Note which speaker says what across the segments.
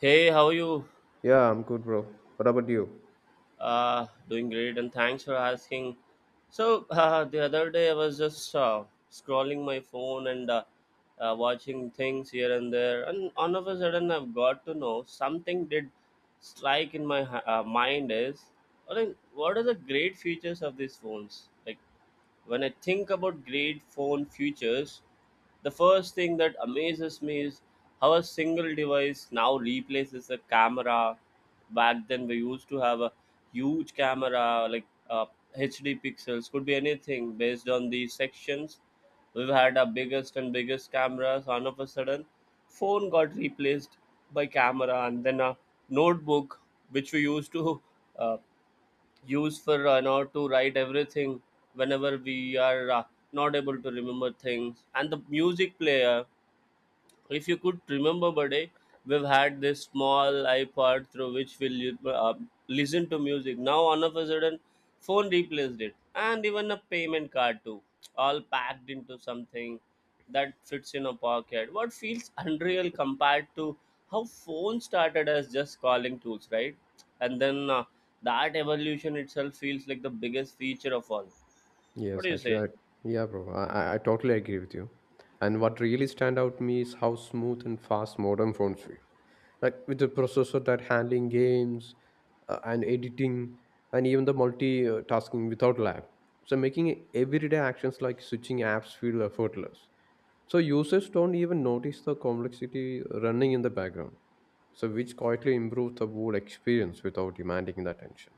Speaker 1: Hey, how are you?
Speaker 2: Yeah, I'm good, bro. What about you?
Speaker 1: Doing great, and thanks for asking. So the other day I was just scrolling my phone and watching things here and there, and all of a sudden I've got to know something did strike in my mind is, I mean, what are the great features of these phones? Like when I think about great phone futures, the first thing that amazes me is how a single device now replaces a camera. Back then, we used to have a huge camera, like HD pixels, could be anything based on these sections. We've had our biggest and biggest cameras. All of a sudden, phone got replaced by camera, and then a notebook, which we used to uh, use for an hour to write everything whenever we are not able to remember things and the music player, if you could remember, buddy, we've had this small iPod through which we'll listen to music. Now, all of a sudden, phone replaced it, and even a payment card too, all packed into something that fits in a pocket. What feels unreal compared to how phones started as just calling tools, right? And then that evolution itself feels like the biggest feature of all. What
Speaker 2: Yes,
Speaker 1: do you say?
Speaker 2: actually, I, yeah, bro, I totally agree with you. And what really stand out to me is how smooth and fast modern phones feel. Like with the processor that handling games and editing and even the multitasking without lag. So making everyday actions like switching apps feel effortless. So users don't even notice the complexity running in the background. So which quietly improves the whole experience without demanding the attention.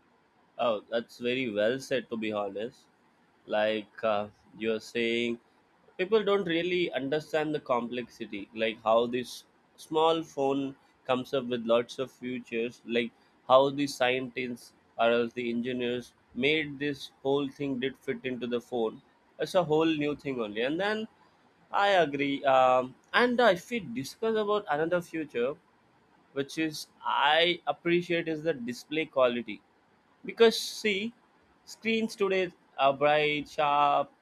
Speaker 1: Oh, that's very well said, to be honest. Like you're saying, people don't really understand the complexity, like how this small phone comes up with lots of features, like how the scientists or else the engineers made this whole thing did fit into the phone. It's a whole new thing only. And then I agree. And if we discuss about another future, which is I appreciate is the display quality. Because see, screens today are bright, sharp,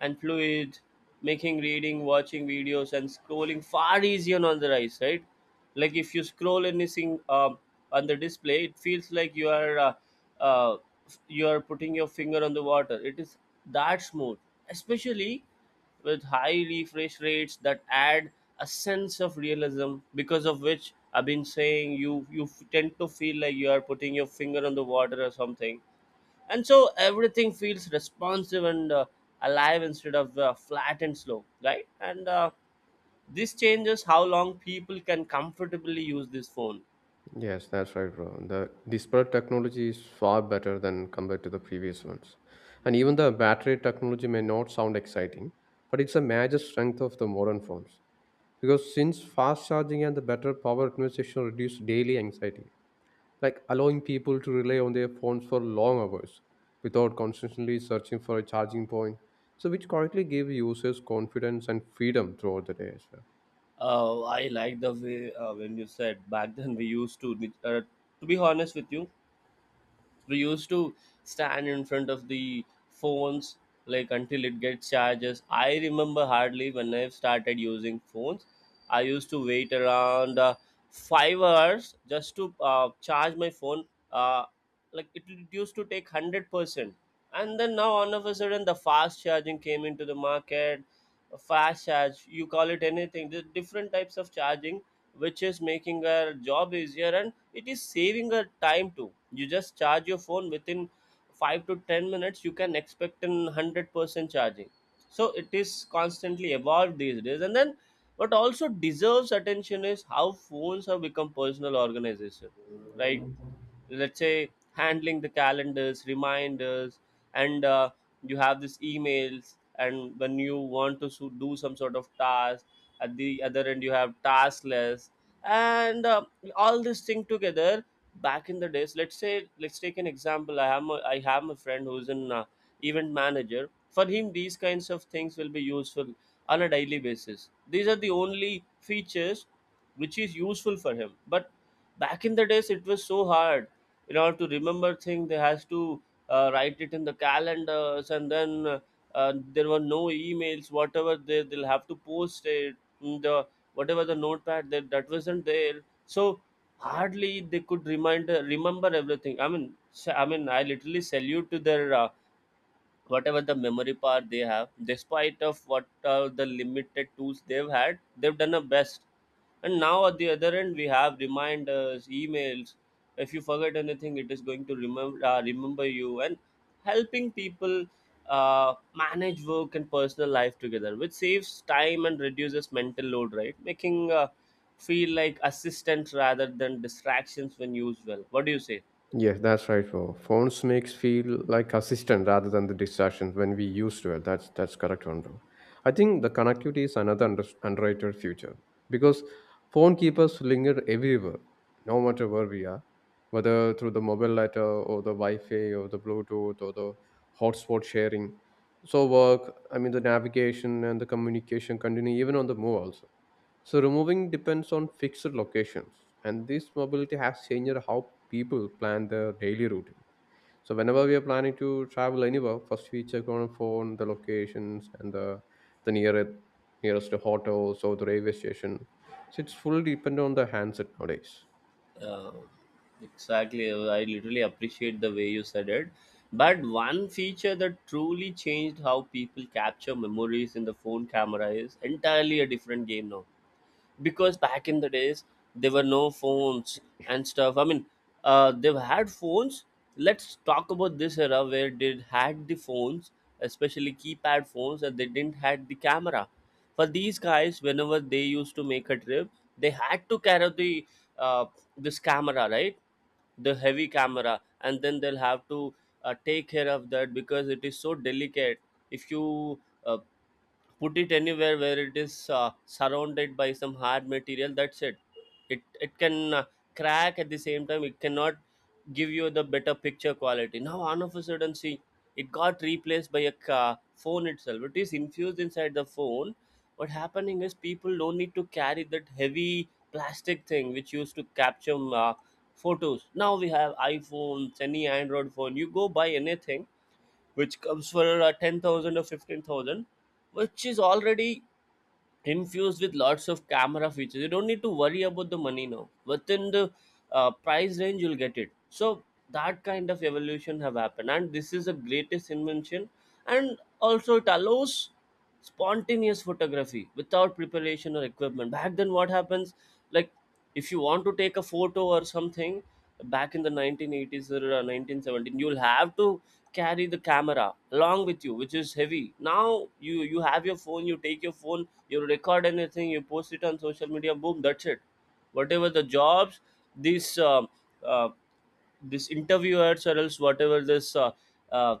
Speaker 1: and fluid, making reading, watching videos, and scrolling far easier on the eyes, right? Like if you scroll anything on the display, it feels like uh, you are putting your finger on the water. It is that smooth, especially with high refresh rates that add a sense of realism, because of which I've been saying you tend to feel like you are putting your finger on the water or something, and so everything feels responsive and alive instead of flat and slow, right? And this changes how long people can comfortably use this phone.
Speaker 2: Yes, that's right, bro. The disparate technology is far better than compared to the previous ones. And even the battery technology may not sound exciting, but it's a major strength of the modern phones. Because since fast charging and the better power conservation reduce daily anxiety, like allowing people to rely on their phones for long hours without constantly searching for a charging point, so which quietly give users confidence and freedom throughout the day as well.
Speaker 1: I like the way when you said back then we used to, uh, to be honest with you, we used to stand in front of the phones like until it gets charges. I remember hardly when I started using phones, I used to wait around 5 hours just to charge my phone. uh, like it used to take 100%, and then now all of a sudden the fast charging came into the market. Fast charge, you call it anything, the different types of charging, which is making our job easier and it is saving a time too. You just charge your phone within 5 to 10 minutes, you can expect an 100% charging. So it is constantly evolved these days. And then what also deserves attention is how phones have become personal organization, like, let's say, handling the calendars, reminders, and you have these emails, and when you want to do some sort of task, at the other end you have task list, and all this thing together. Back in the days, let's say, let's take an example. I have a friend who's an event manager. For him, these kinds of things will be useful on a daily basis. These are the only features which is useful for him. But back in the days it was so hard. In order to remember thing, they has to write it in the calendars, and then there were no emails. Whatever they'll have to post it in the, whatever the notepad, that wasn't there. So hardly they could remind remember everything. I mean, I mean, I literally salute to their whatever the memory power they have. Despite of what the limited tools they've had, they've done a best. And now at the other end we have reminders, emails. If you forget anything, it is going to remember you, and helping people uh, manage work and personal life together, which saves time and reduces mental load, right, making feel like assistance rather than distractions when used well. What do you say?
Speaker 2: Yes, that's right, bro. Phones makes feel like assistant rather than the distraction when we used to it. That's correct one, bro. I think the connectivity is another underrated future because phone keep us linger everywhere, no matter where we are, whether through the mobile data or the Wi-Fi or the Bluetooth or the hotspot sharing. So work, I mean the navigation and the communication continue even on the move also so removing depends on fixed locations, and this mobility has changed how people plan their daily routine. So whenever we are planning to travel anywhere, first we check on our phone the locations and the the nearest nearest hotels or the railway station. So it's fully dependent on the handset nowadays.
Speaker 1: uh, exactly. I literally appreciate the way you said it. But one feature that truly changed how people capture memories in the phone camera is entirely a different game now. Because back in the days there were no phones and stuff, I mean, they've had phones. Let's talk about this era where they had the phones, especially keypad phones, and they didn't had the camera. For these guys, whenever they used to make a trip, they had to carry the, uh, this camera, right, the heavy camera, and then they'll have to take care of that because it is so delicate. If you uh, put it anywhere where it is surrounded by some hard material, that's it. It can crack. At the same time, it cannot give you the better picture quality. Now all of a sudden, see, it got replaced by a phone itself. It is infused inside the phone. What happening is people don't need to carry that heavy plastic thing which used to capture uh, photos. Now we have iPhones, any Android phone, you go buy anything which comes for 10,000 or 15,000, which is already infused with lots of camera features. You don't need to worry about the money now. Within the price range, you'll get it. So that kind of evolution have happened, and this is the greatest invention. And also, it allows spontaneous photography without preparation or equipment. Back then, what happens? Like, if you want to take a photo or something, back in the 1980s or 1917, you'll have to carry the camera along with you, which is heavy. Now you have your phone, you take your phone, you record anything, you post it on social media, boom, that's it. Whatever the jobs, these um, uh, these interviewers, or else whatever this uh,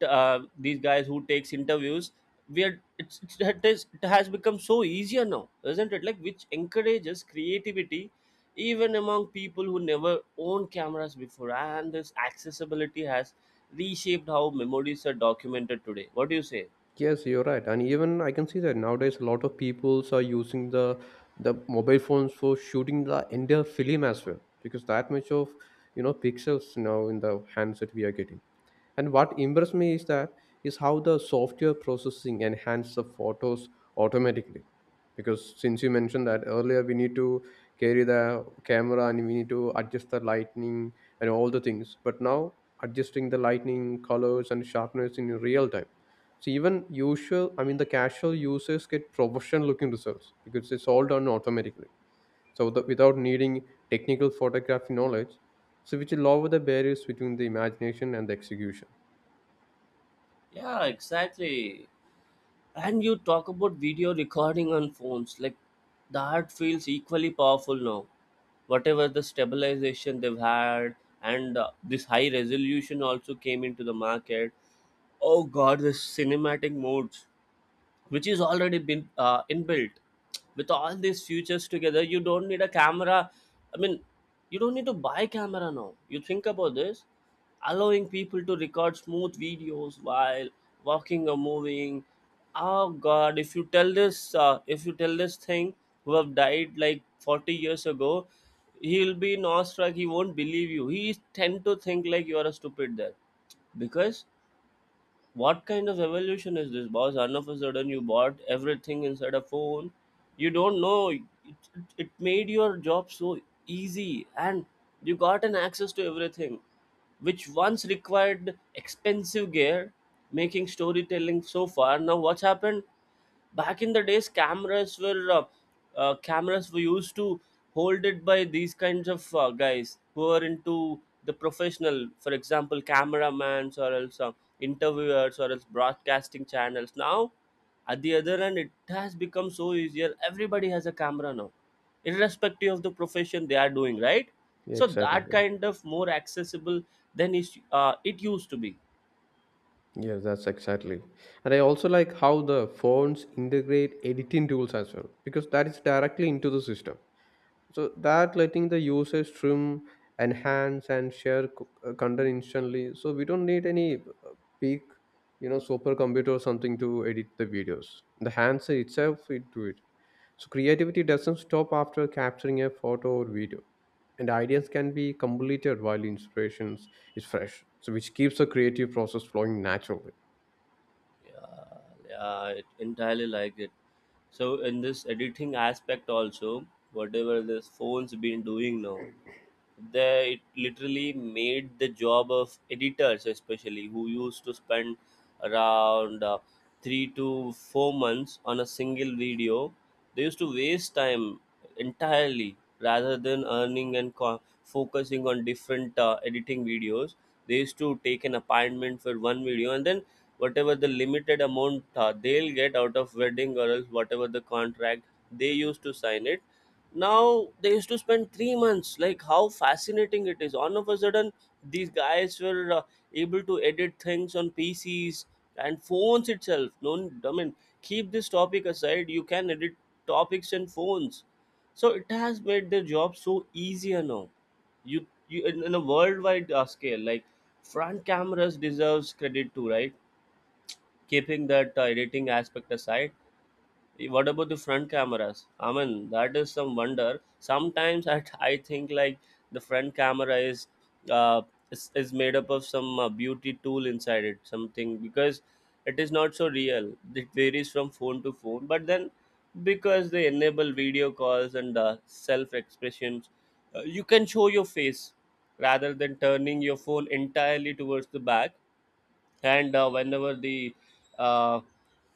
Speaker 1: these guys who takes interviews, we are it's it, is, it has become so easier now, isn't it, like, which encourages creativity even among people who never owned cameras before. And this accessibility has reshaped how memories are documented today. What do you say?
Speaker 2: Yes, you're right, and even I can see that nowadays a lot of peoples are using the mobile phones for shooting the entire film as well because that much of you know pixels now in the handset we are getting. And what impressed me is that is how the software processing enhances the photos automatically. Because since you mentioned that earlier, we need to carry the camera and we need to adjust the lightning and all the things. But now adjusting the lightning, colors, and sharpness in real time. So even usual, I mean, the casual users get professional looking results because it's all done automatically. So the, without needing technical photography knowledge, so which will lower the barriers between the imagination and the execution.
Speaker 1: Yeah, exactly. And you talk about video recording on phones, like that feels equally powerful now. Whatever the stabilization they've had, and this high resolution also came into the market. Oh god, this cinematic modes, which is already been inbuilt. With all these features together, you don't need a camera. I mean, you don't need to buy camera now. You think about this, allowing people to record smooth videos while walking or moving. Oh God! If you tell this, thing who have died like 40 years ago, he'll be awestruck. He won't believe you. He tend to think like you are a stupid there, because what kind of evolution is this, boss? All of a sudden, you bought everything inside a phone. You don't know it, it made your job so easy, and you got an access to everything which once required expensive gear, making storytelling so far. Now what's happened, back in the days cameras were cameras were used to hold it by these kinds of guys who are into the professional, for example cameramans or else interviewers or else broadcasting channels. Now at the other end, it has become so easier, everybody has a camera now, irrespective of the profession they are doing, right?
Speaker 2: Yeah,
Speaker 1: So
Speaker 2: exactly.
Speaker 1: that kind of more accessible than it used to be.
Speaker 2: Yes, that's exactly. And I also like how the phones integrate editing tools as well because that is directly into the system. So that letting the user stream, enhance, and share content instantly. So we don't need any big, you know, supercomputer or something to edit the videos. The handset itself it do it. So creativity doesn't stop after capturing a photo or video, and ideas can be completed while inspirations is fresh. So which keeps the creative process flowing naturally.
Speaker 1: Yeah, yeah, it entirely like it. So in this editing aspect also, whatever this phones been doing now, they, it literally made the job of editors, especially who used to spend around 3 to 4 months on a single video. They used to waste time entirely rather than earning and focusing on different editing videos. They used to take an appointment for one video, and then whatever the limited amount they'll get out of wedding or else whatever the contract, they used to sign it. Now they used to spend 3 months. Like, how fascinating it is. All of a sudden, these guys were able to edit things on PCs and phones itself. No, I mean, keep this topic aside, you can edit topics and phones. So it has made their job so easier now. You, in a worldwide scale, like front cameras deserves credit too, right? Keeping that editing aspect aside, what about the front cameras? I mean, that is some wonder. Sometimes I think like the front camera is uh is made up of some beauty tool inside it, something, because it is not so real. It varies from phone to phone, but then because they enable video calls and self expressions, you can show your face rather than turning your phone entirely towards the back. And uh,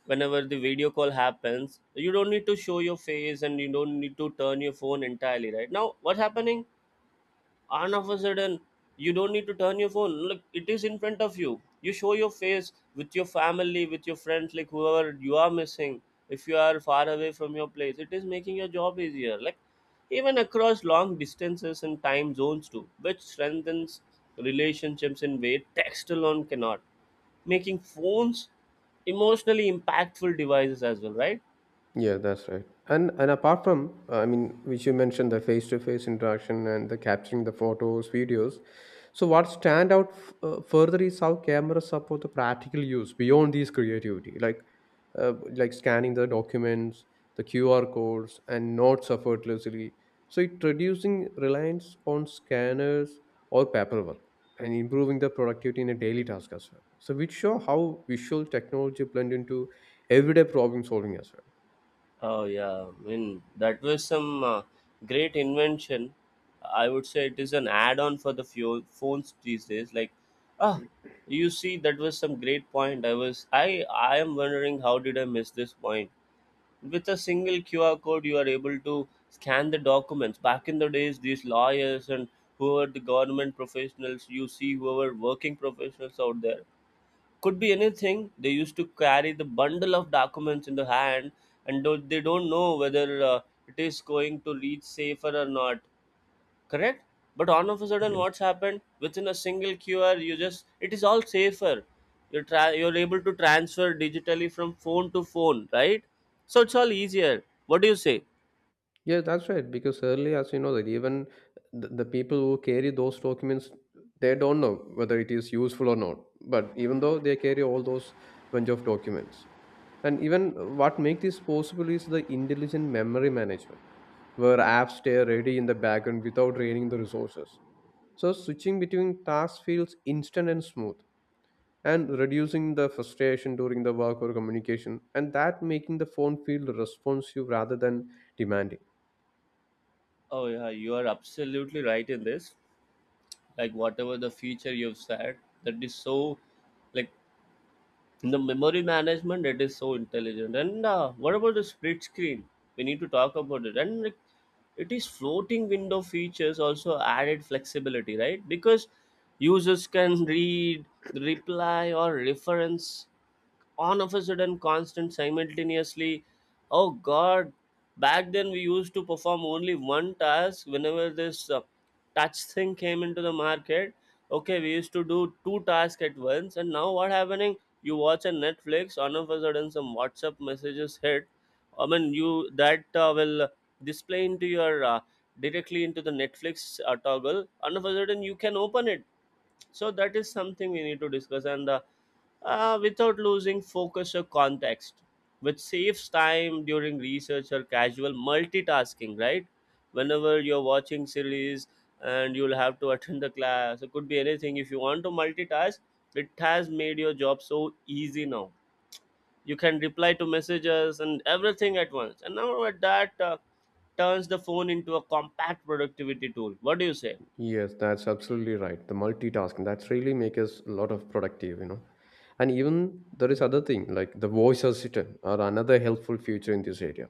Speaker 1: whenever the video call happens, you don't need to show your face and you don't need to turn your phone entirely right now. What's happening? And of a sudden, you don't need to turn your phone. Look, it is in front of you. You show your face with your family, with your friends, like whoever you are missing. If you are far away from your place, it is making your job easier, like even across long distances and time zones too, which strengthens relationships in way text alone cannot, making phones emotionally impactful devices as well, right?
Speaker 2: Yeah, that's right. And apart from, I mean, which you mentioned the face-to-face interaction and the capturing the photos, videos. So what stand out further is how cameras support the practical use beyond these creativity, like scanning the documents, the QR codes, and notes effortlessly. So it reducing reliance on scanners or paperwork and improving the productivity in a daily task as well. So which show how visual technology blend into everyday problem solving as well.
Speaker 1: Oh yeah, I mean that was some great invention. I would say it is an add-on for the fuel phones these days. Like, ah, you see, that was some great point. I am wondering, how did I miss this point? With a single QR code, you are able to scan the documents. Back in the days, these lawyers and whoever the government professionals, you see, whoever working professionals out there, could be anything, they used to carry the bundle of documents in the hand and do they don't know whether it is going to reach safer or not, correct? But all of a sudden,
Speaker 2: Yes.
Speaker 1: what's happened? Within a single QR, you just, it is all safer. You're able to transfer digitally from phone to phone, right? So it's all easier. What do you say?
Speaker 2: Yeah, that's right. Because early, as you know, that even the people who carry those documents, they don't know whether it is useful or not. But even though they carry all those bunch of documents, and even what makes this possible is the intelligent memory management, where apps stay ready in the background without draining the resources. So switching between tasks feels instant and smooth, and reducing the frustration during the work or communication, and that making the phone feel responsive rather than demanding.
Speaker 1: Oh yeah, you are absolutely right in this. Like whatever the feature you've said, that is so, like, the memory management, it is so intelligent. And what about the split screen? We need to talk about it. And like, it is floating window features also added flexibility, right? Because users can read, reply or reference on of a sudden constant simultaneously. Oh god, back then we used to perform only one task. Whenever this touch thing came into the market, okay, we used to do two tasks at once. And now, what happening? You watch a Netflix, on of a sudden some WhatsApp messages hit. I mean, you that will display into your directly into the Netflix toggle. All of a sudden you can open it. So that is something we need to discuss. And without losing focus or context, which saves time during research or casual multitasking, right? Whenever you're watching series and you'll have to attend the class, it could be anything. If you want to multitask, it has made your job so easy now. You can reply to messages and everything at once. And now at that turns the phone into a compact productivity tool. What do you say?
Speaker 2: Yes, that's absolutely right. The multitasking that's really make us a lot of productive, you know. And even there is other thing like the voice assistant are another helpful feature in this area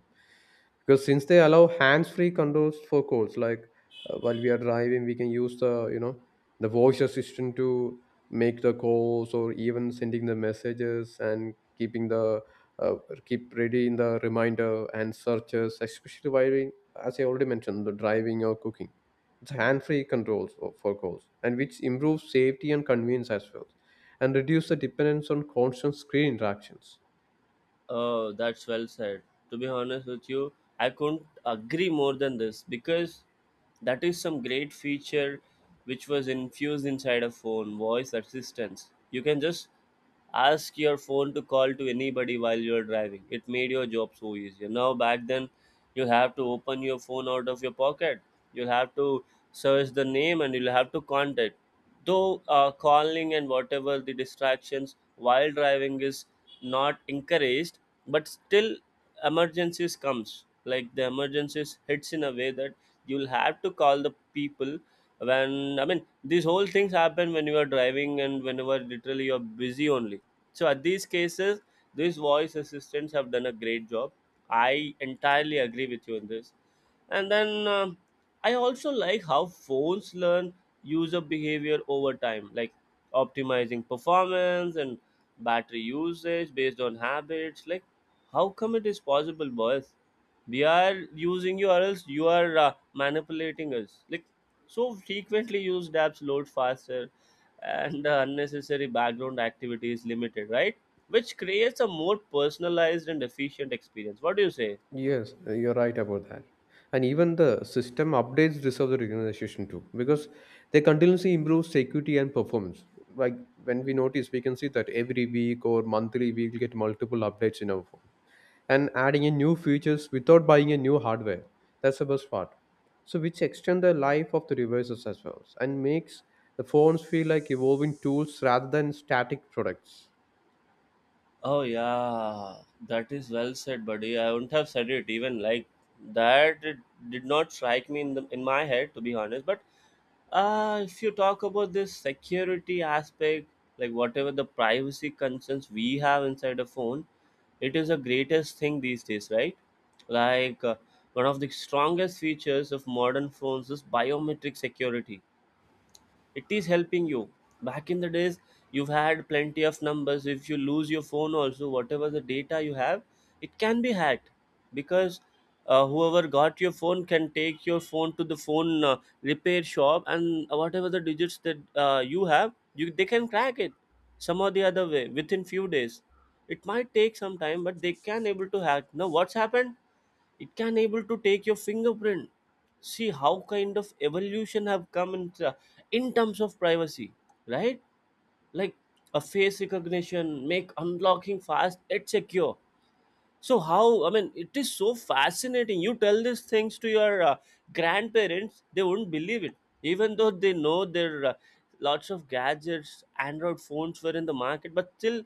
Speaker 2: because since they allow hands-free controls for calls, like while we are driving, we can use the you know the voice assistant to make the calls or even sending the messages and keeping the uh, keep ready in the reminder and searches, especially while we, as I already mentioned, the driving or cooking it's hand-free controls for calls and which improves safety and convenience as well and reduce the dependence on constant screen interactions.
Speaker 1: Oh, that's well said. To be honest with you, I couldn't agree more than this, because that is some great feature which was infused inside a phone, voice assistance. You can just ask your phone to call to anybody while you're driving. It made your job so easier. Now, back then, you have to open your phone out of your pocket. You'll have to search the name and you'll have to contact. Though calling and whatever the distractions while driving is not encouraged, but still emergencies comes. Like the emergencies hits in a way that you'll have to call the people when, I mean, these whole things happen when you are driving and whenever literally you're busy only. So at these cases, these voice assistants have done a great job. I entirely agree with you in this. And then I also like how phones learn user behavior over time, like optimizing performance and battery usage based on habits. Like, how come it is possible, boys? We are using you, or else you are manipulating us. Like, so frequently used apps load faster, and the unnecessary background activity is limited, right? Which creates a more personalized and efficient experience. What do you say?
Speaker 2: Yes, you're right about that. And even the system updates deserve the recognition too because they continuously improve security and performance, like when we notice we can see that every week or monthly we will get multiple updates in our phone and adding in new features without buying a new hardware. That's the best part. So which extend the life of the devices as well and makes the phones feel like evolving tools rather than static products.
Speaker 1: Oh yeah, that is well said, buddy. I wouldn't have said it even like that. It did not strike me in the in my head, to be honest. But if you talk about this security aspect, like whatever the privacy concerns we have inside a phone, it is the greatest thing these days, right? Like one of the strongest features of modern phones is biometric security. It is helping you. Back in the days, you've had plenty of numbers. If you lose your phone also, whatever the data you have, it can be hacked because whoever got your phone can take your phone to the phone repair shop, and whatever the digits that you have, you they can crack it some or the other way within few days. It might take some time, but they can able to hack. Now what's happened? It can able to take your fingerprint. See how kind of evolution have come in terms of privacy, right? Like a face recognition make unlocking fast and secure. So how, I mean, it is so fascinating. You tell these things to your grandparents, they wouldn't believe it. Even though they know there lots of gadgets, Android phones were in the market, but still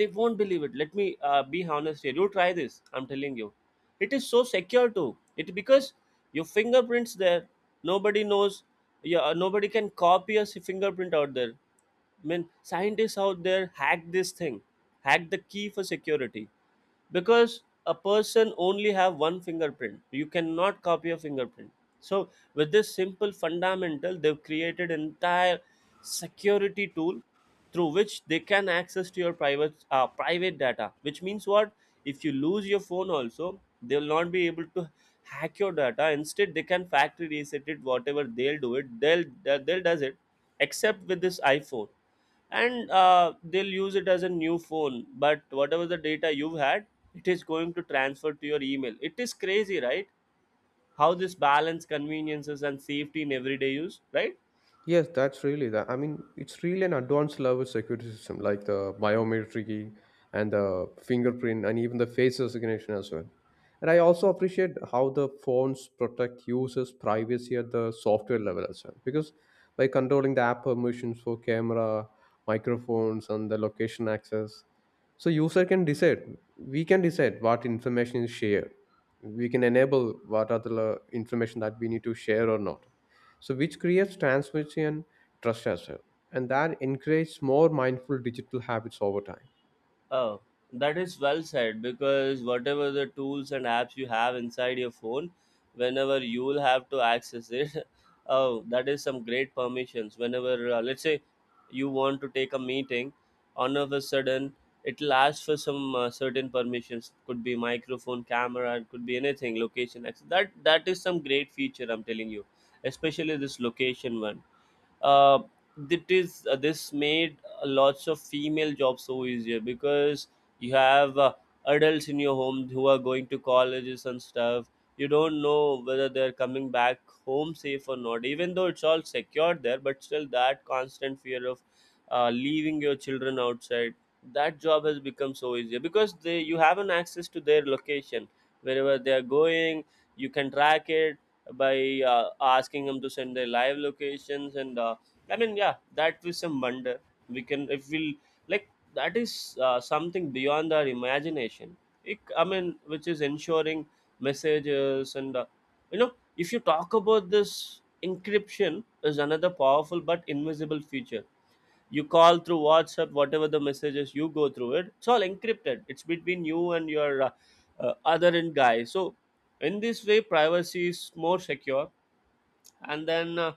Speaker 1: they won't believe it. Let me be honest here. You try this, I'm telling you, it is so secure too, it because your fingerprints there, nobody knows. Yeah, nobody can copy a fingerprint out there. I mean, scientists out there hacked this thing, hacked the key for security, because a person only have one fingerprint. You cannot copy a fingerprint. So with this simple fundamental, they've created entire security tool through which they can access to your private private data. Which means what? If you lose your phone also, they will not be able to hack your data. Instead, they can factory reset it. Whatever they'll do it, they'll does it. Except with this iPhone, and they'll use it as a new phone, but whatever the data you've had, it is going to transfer to your email. It is crazy, right? How this balance conveniences and safety in everyday use, right?
Speaker 2: Yes, that's really that. I mean, it's really an advanced level security system like the biometric key and the fingerprint and even the face recognition as well. And I also appreciate how the phones protect users' privacy at the software level as well. Because by controlling the app permissions for camera, microphones, and the location access, so user can decide. We can decide what information is shared. We can enable what other information that we need to share or not, so which creates transparency and trust as well, and that encourages more mindful digital habits over time.
Speaker 1: Oh, that is well said, because whatever the tools and apps you have inside your phone, whenever you will have to access it, oh, that is some great permissions. Whenever, let's say, you want to take a meeting, all of a sudden, it will ask for some certain permissions. Could be microphone, camera, it could be anything, location, etc. That is some great feature. I'm telling you, especially this location one. uh, that is this made lots of female jobs so easier, because you have adults in your home who are going to colleges and stuff. You don't know whether they're coming back home safe or not. Even though it's all secured there, but still that constant fear of leaving your children outside, that job has become so easier, because they, you have an access to their location. Wherever they are going, you can track it by asking them to send their live locations. And I mean, yeah, that is some wonder. We can, if we'll, like, that is something beyond our imagination. It, I mean, which is ensuring messages and you know, if you talk about this encryption is another powerful but invisible feature. You call through WhatsApp, whatever the messages you go through it, it's all encrypted. It's between you and your other end guy. So in this way privacy is more secure. And then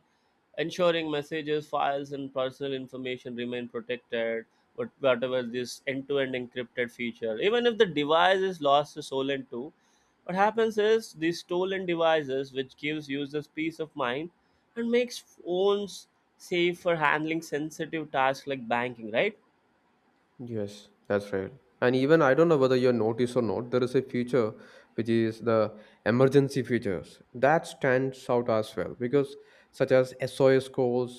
Speaker 1: ensuring messages, files, and personal information remain protected with whatever this end-to-end encrypted feature. Even if the device is lost to stolen too, what happens is these stolen devices, which gives users peace of mind and makes phones safe for handling sensitive tasks like banking, right?
Speaker 2: Yes, that's right. And even I don't know whether you notice or not, there is a feature which is the emergency features that stands out as well because such as SOS calls,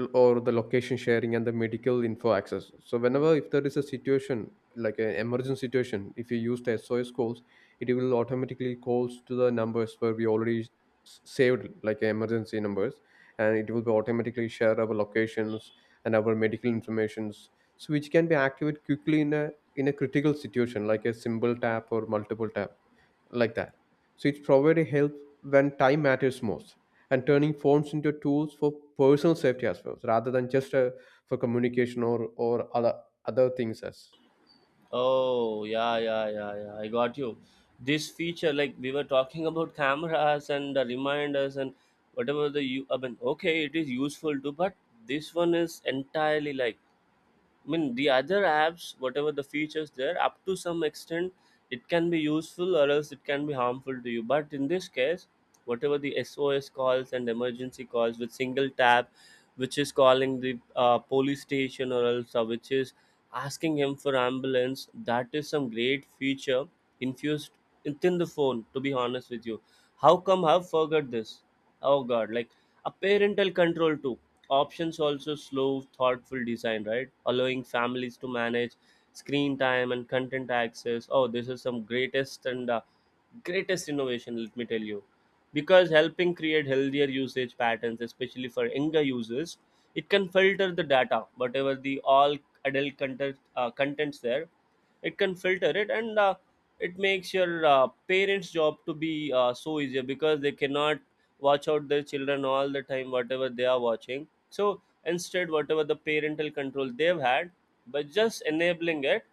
Speaker 2: or the location sharing and the medical info access. So whenever if there is a situation like an emergency situation, if you use the SOS calls, it will automatically calls to the numbers where we already saved like emergency numbers, and it will be automatically share our locations and our medical informations, so which can be activated quickly in a critical situation like a simple tap or multiple tap like that. So it's provides help when time matters most and turning phones into tools for personal safety as well rather than just for communication or other things as.
Speaker 1: Oh, yeah, yeah, yeah, yeah. I got you. This feature, like we were talking about cameras and the reminders and whatever the you. I mean, okay, it is useful too, but this one is entirely like, I mean, the other apps, whatever the features there, up to some extent, it can be useful or else it can be harmful to you. But in this case, whatever the SOS calls and emergency calls with single tap, which is calling the police station or else which is asking him for ambulance, that is some great feature infused within the phone. To be honest with you, how come I've forgot this? Oh God, like a parental control too. Options also slow, thoughtful design, right? Allowing families to manage screen time and content access. Oh, this is some greatest and greatest innovation, let me tell you. Because helping create healthier usage patterns, especially for younger users, it can filter the data, whatever the all adult content, contents there, it can filter it, and it makes your parents job to be so easier, because they cannot watch out their children all the time whatever they are watching. So instead, whatever the parental control they've had, by just enabling it,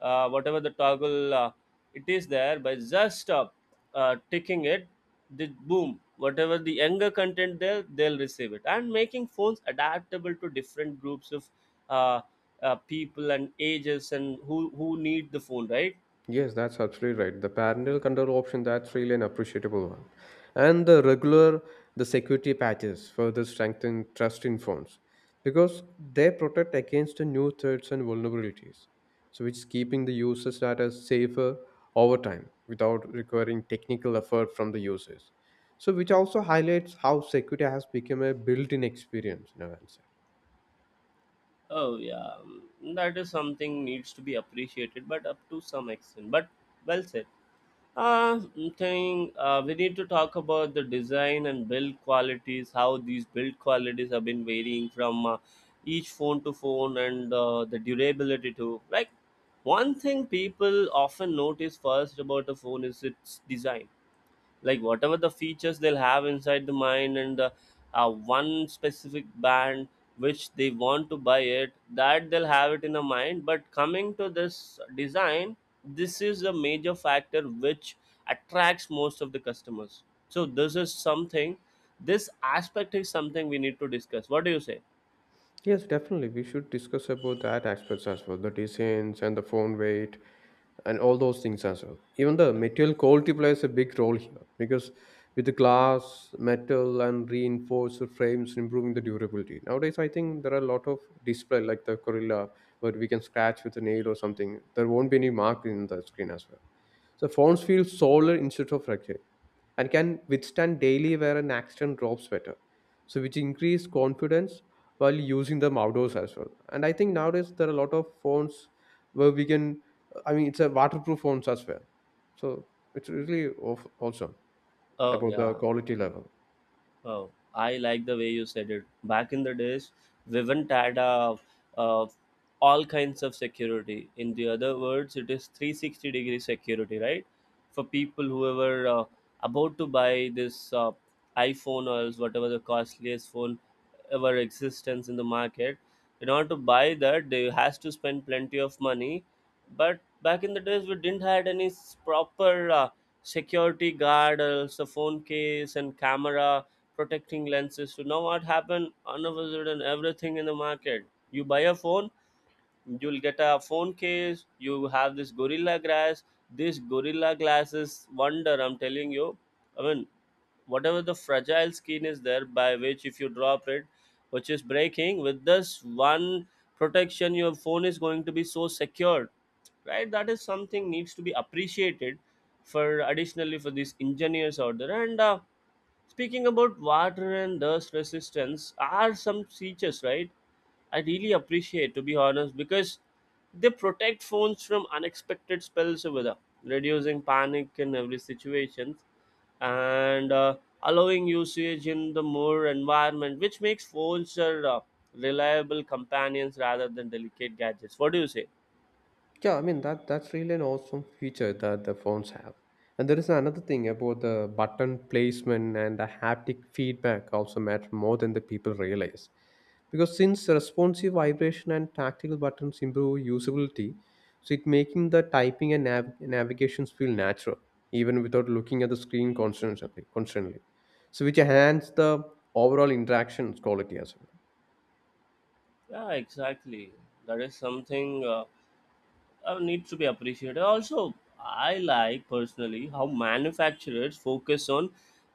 Speaker 1: whatever the toggle it is there, by just ticking it, the boom, whatever the younger content there, they'll receive it, and making phones adaptable to different groups of uh, people and ages, and who need the phone, right?
Speaker 2: Yes, that's absolutely right. The parental control option, that's really an appreciable one. And the regular, the security patches further strengthen trust in phones because they protect against the new threats and vulnerabilities. So which is keeping the users' data safer over time without requiring technical effort from the users. So which also highlights how security has become a built-in experience in a handset.
Speaker 1: Oh, yeah. Mm, that is something needs to be appreciated, but up to some extent. But well said. Thing. Am, we need to talk about the design and build qualities, how these build qualities have been varying from each phone to phone, and the durability too. Like, one thing people often notice first about a phone is its design, like whatever the features they'll have inside the mind. And one specific band which they want to buy, it that they'll have it in a mind. But coming to this design, this is a major factor which attracts most of the customers. So this is something, this aspect is something we need to discuss. What do you say?
Speaker 2: Yes, definitely. We should discuss about that aspects as well, the designs and the phone weight and all those things as well. Even the material quality plays a big role here because with the glass, metal, and reinforced frames, improving the durability. Nowadays, I think there are a lot of display like the Gorilla, but we can scratch with a nail or something. There won't be any mark in the screen as well. So phones feel solid instead of fragile and can withstand daily wear and accident drops better. So, which increase confidence while using them outdoors as well. And I think nowadays there are a lot of phones where we can, I mean, it's a waterproof phones as well. So, it's really awesome
Speaker 1: Oh,
Speaker 2: about the
Speaker 1: yeah.
Speaker 2: quality level.
Speaker 1: Oh, I like the way you said it. Back in the days, Vivint had a, uh, all kinds of security. In the other words, it is 360-degree security, right? For people who were about to buy this iPhone or else whatever the costliest phone, our existence in the market, in order to buy that, they has to spend plenty of money. But back in the days, we didn't had any proper security guard, also phone case and camera protecting lenses. So now what happened, all of a sudden, everything in the market, you buy a phone, you'll get a phone case, you have this gorilla glass. These gorilla glasses wonder, I'm telling you. I mean, whatever the fragile skin is there, by which if you drop it, which is breaking with this one protection, your phone is going to be so secured, right? That is something needs to be appreciated, for additionally for these engineers out there. And speaking about water and dust resistance are some features, right? I really appreciate, to be honest, because they protect phones from unexpected spells over there, reducing panic in every situation. And allowing usage in the more environment, which makes phones are reliable companions rather than delicate gadgets. What do you say?
Speaker 2: Yeah, I mean that's really an awesome feature that the phones have. And there is another thing about the button placement and the haptic feedback also matter more than the people realize, because since responsive vibration and tactile buttons improve usability, so it making the typing and navigations feel natural even without looking at the screen constantly, so which enhance the overall interaction quality as well.
Speaker 1: Yeah, exactly. That is something needs to be appreciated. Also, I like personally how manufacturers focus on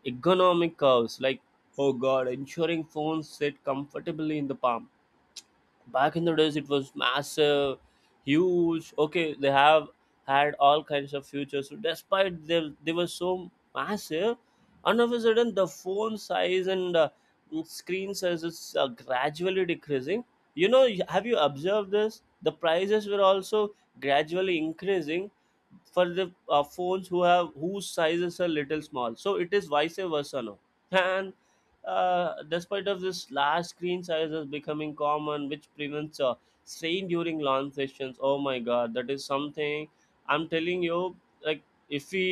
Speaker 1: economic curves, like, oh god, ensuring phones sit comfortably in the palm. Back in the days, it was massive, huge, okay. They have had all kinds of features. So despite, they were so massive. And all of a sudden the phone size and screen size is gradually decreasing, you know? Have you observed this? The prices were also gradually increasing for the phones who have whose sizes are little small, so it is vice versa now. And despite of this, large screen sizes becoming common, which prevents strain during long sessions. Oh my god, that is something, I'm telling you. Like, if we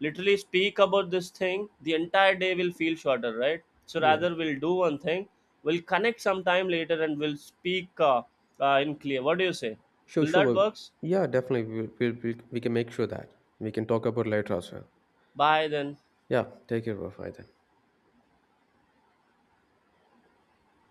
Speaker 1: literally speak about this thing, the entire day will feel shorter, right? So
Speaker 2: Yeah,
Speaker 1: rather we'll do one thing, we'll connect sometime later and we'll speak in clear. What do you say?
Speaker 2: sure,
Speaker 1: Will
Speaker 2: sure,
Speaker 1: that
Speaker 2: Bobby.
Speaker 1: works?
Speaker 2: Yeah, definitely we can make sure that we can talk about later as well.
Speaker 1: Bye then.
Speaker 2: Yeah, take care, bro. Bye then.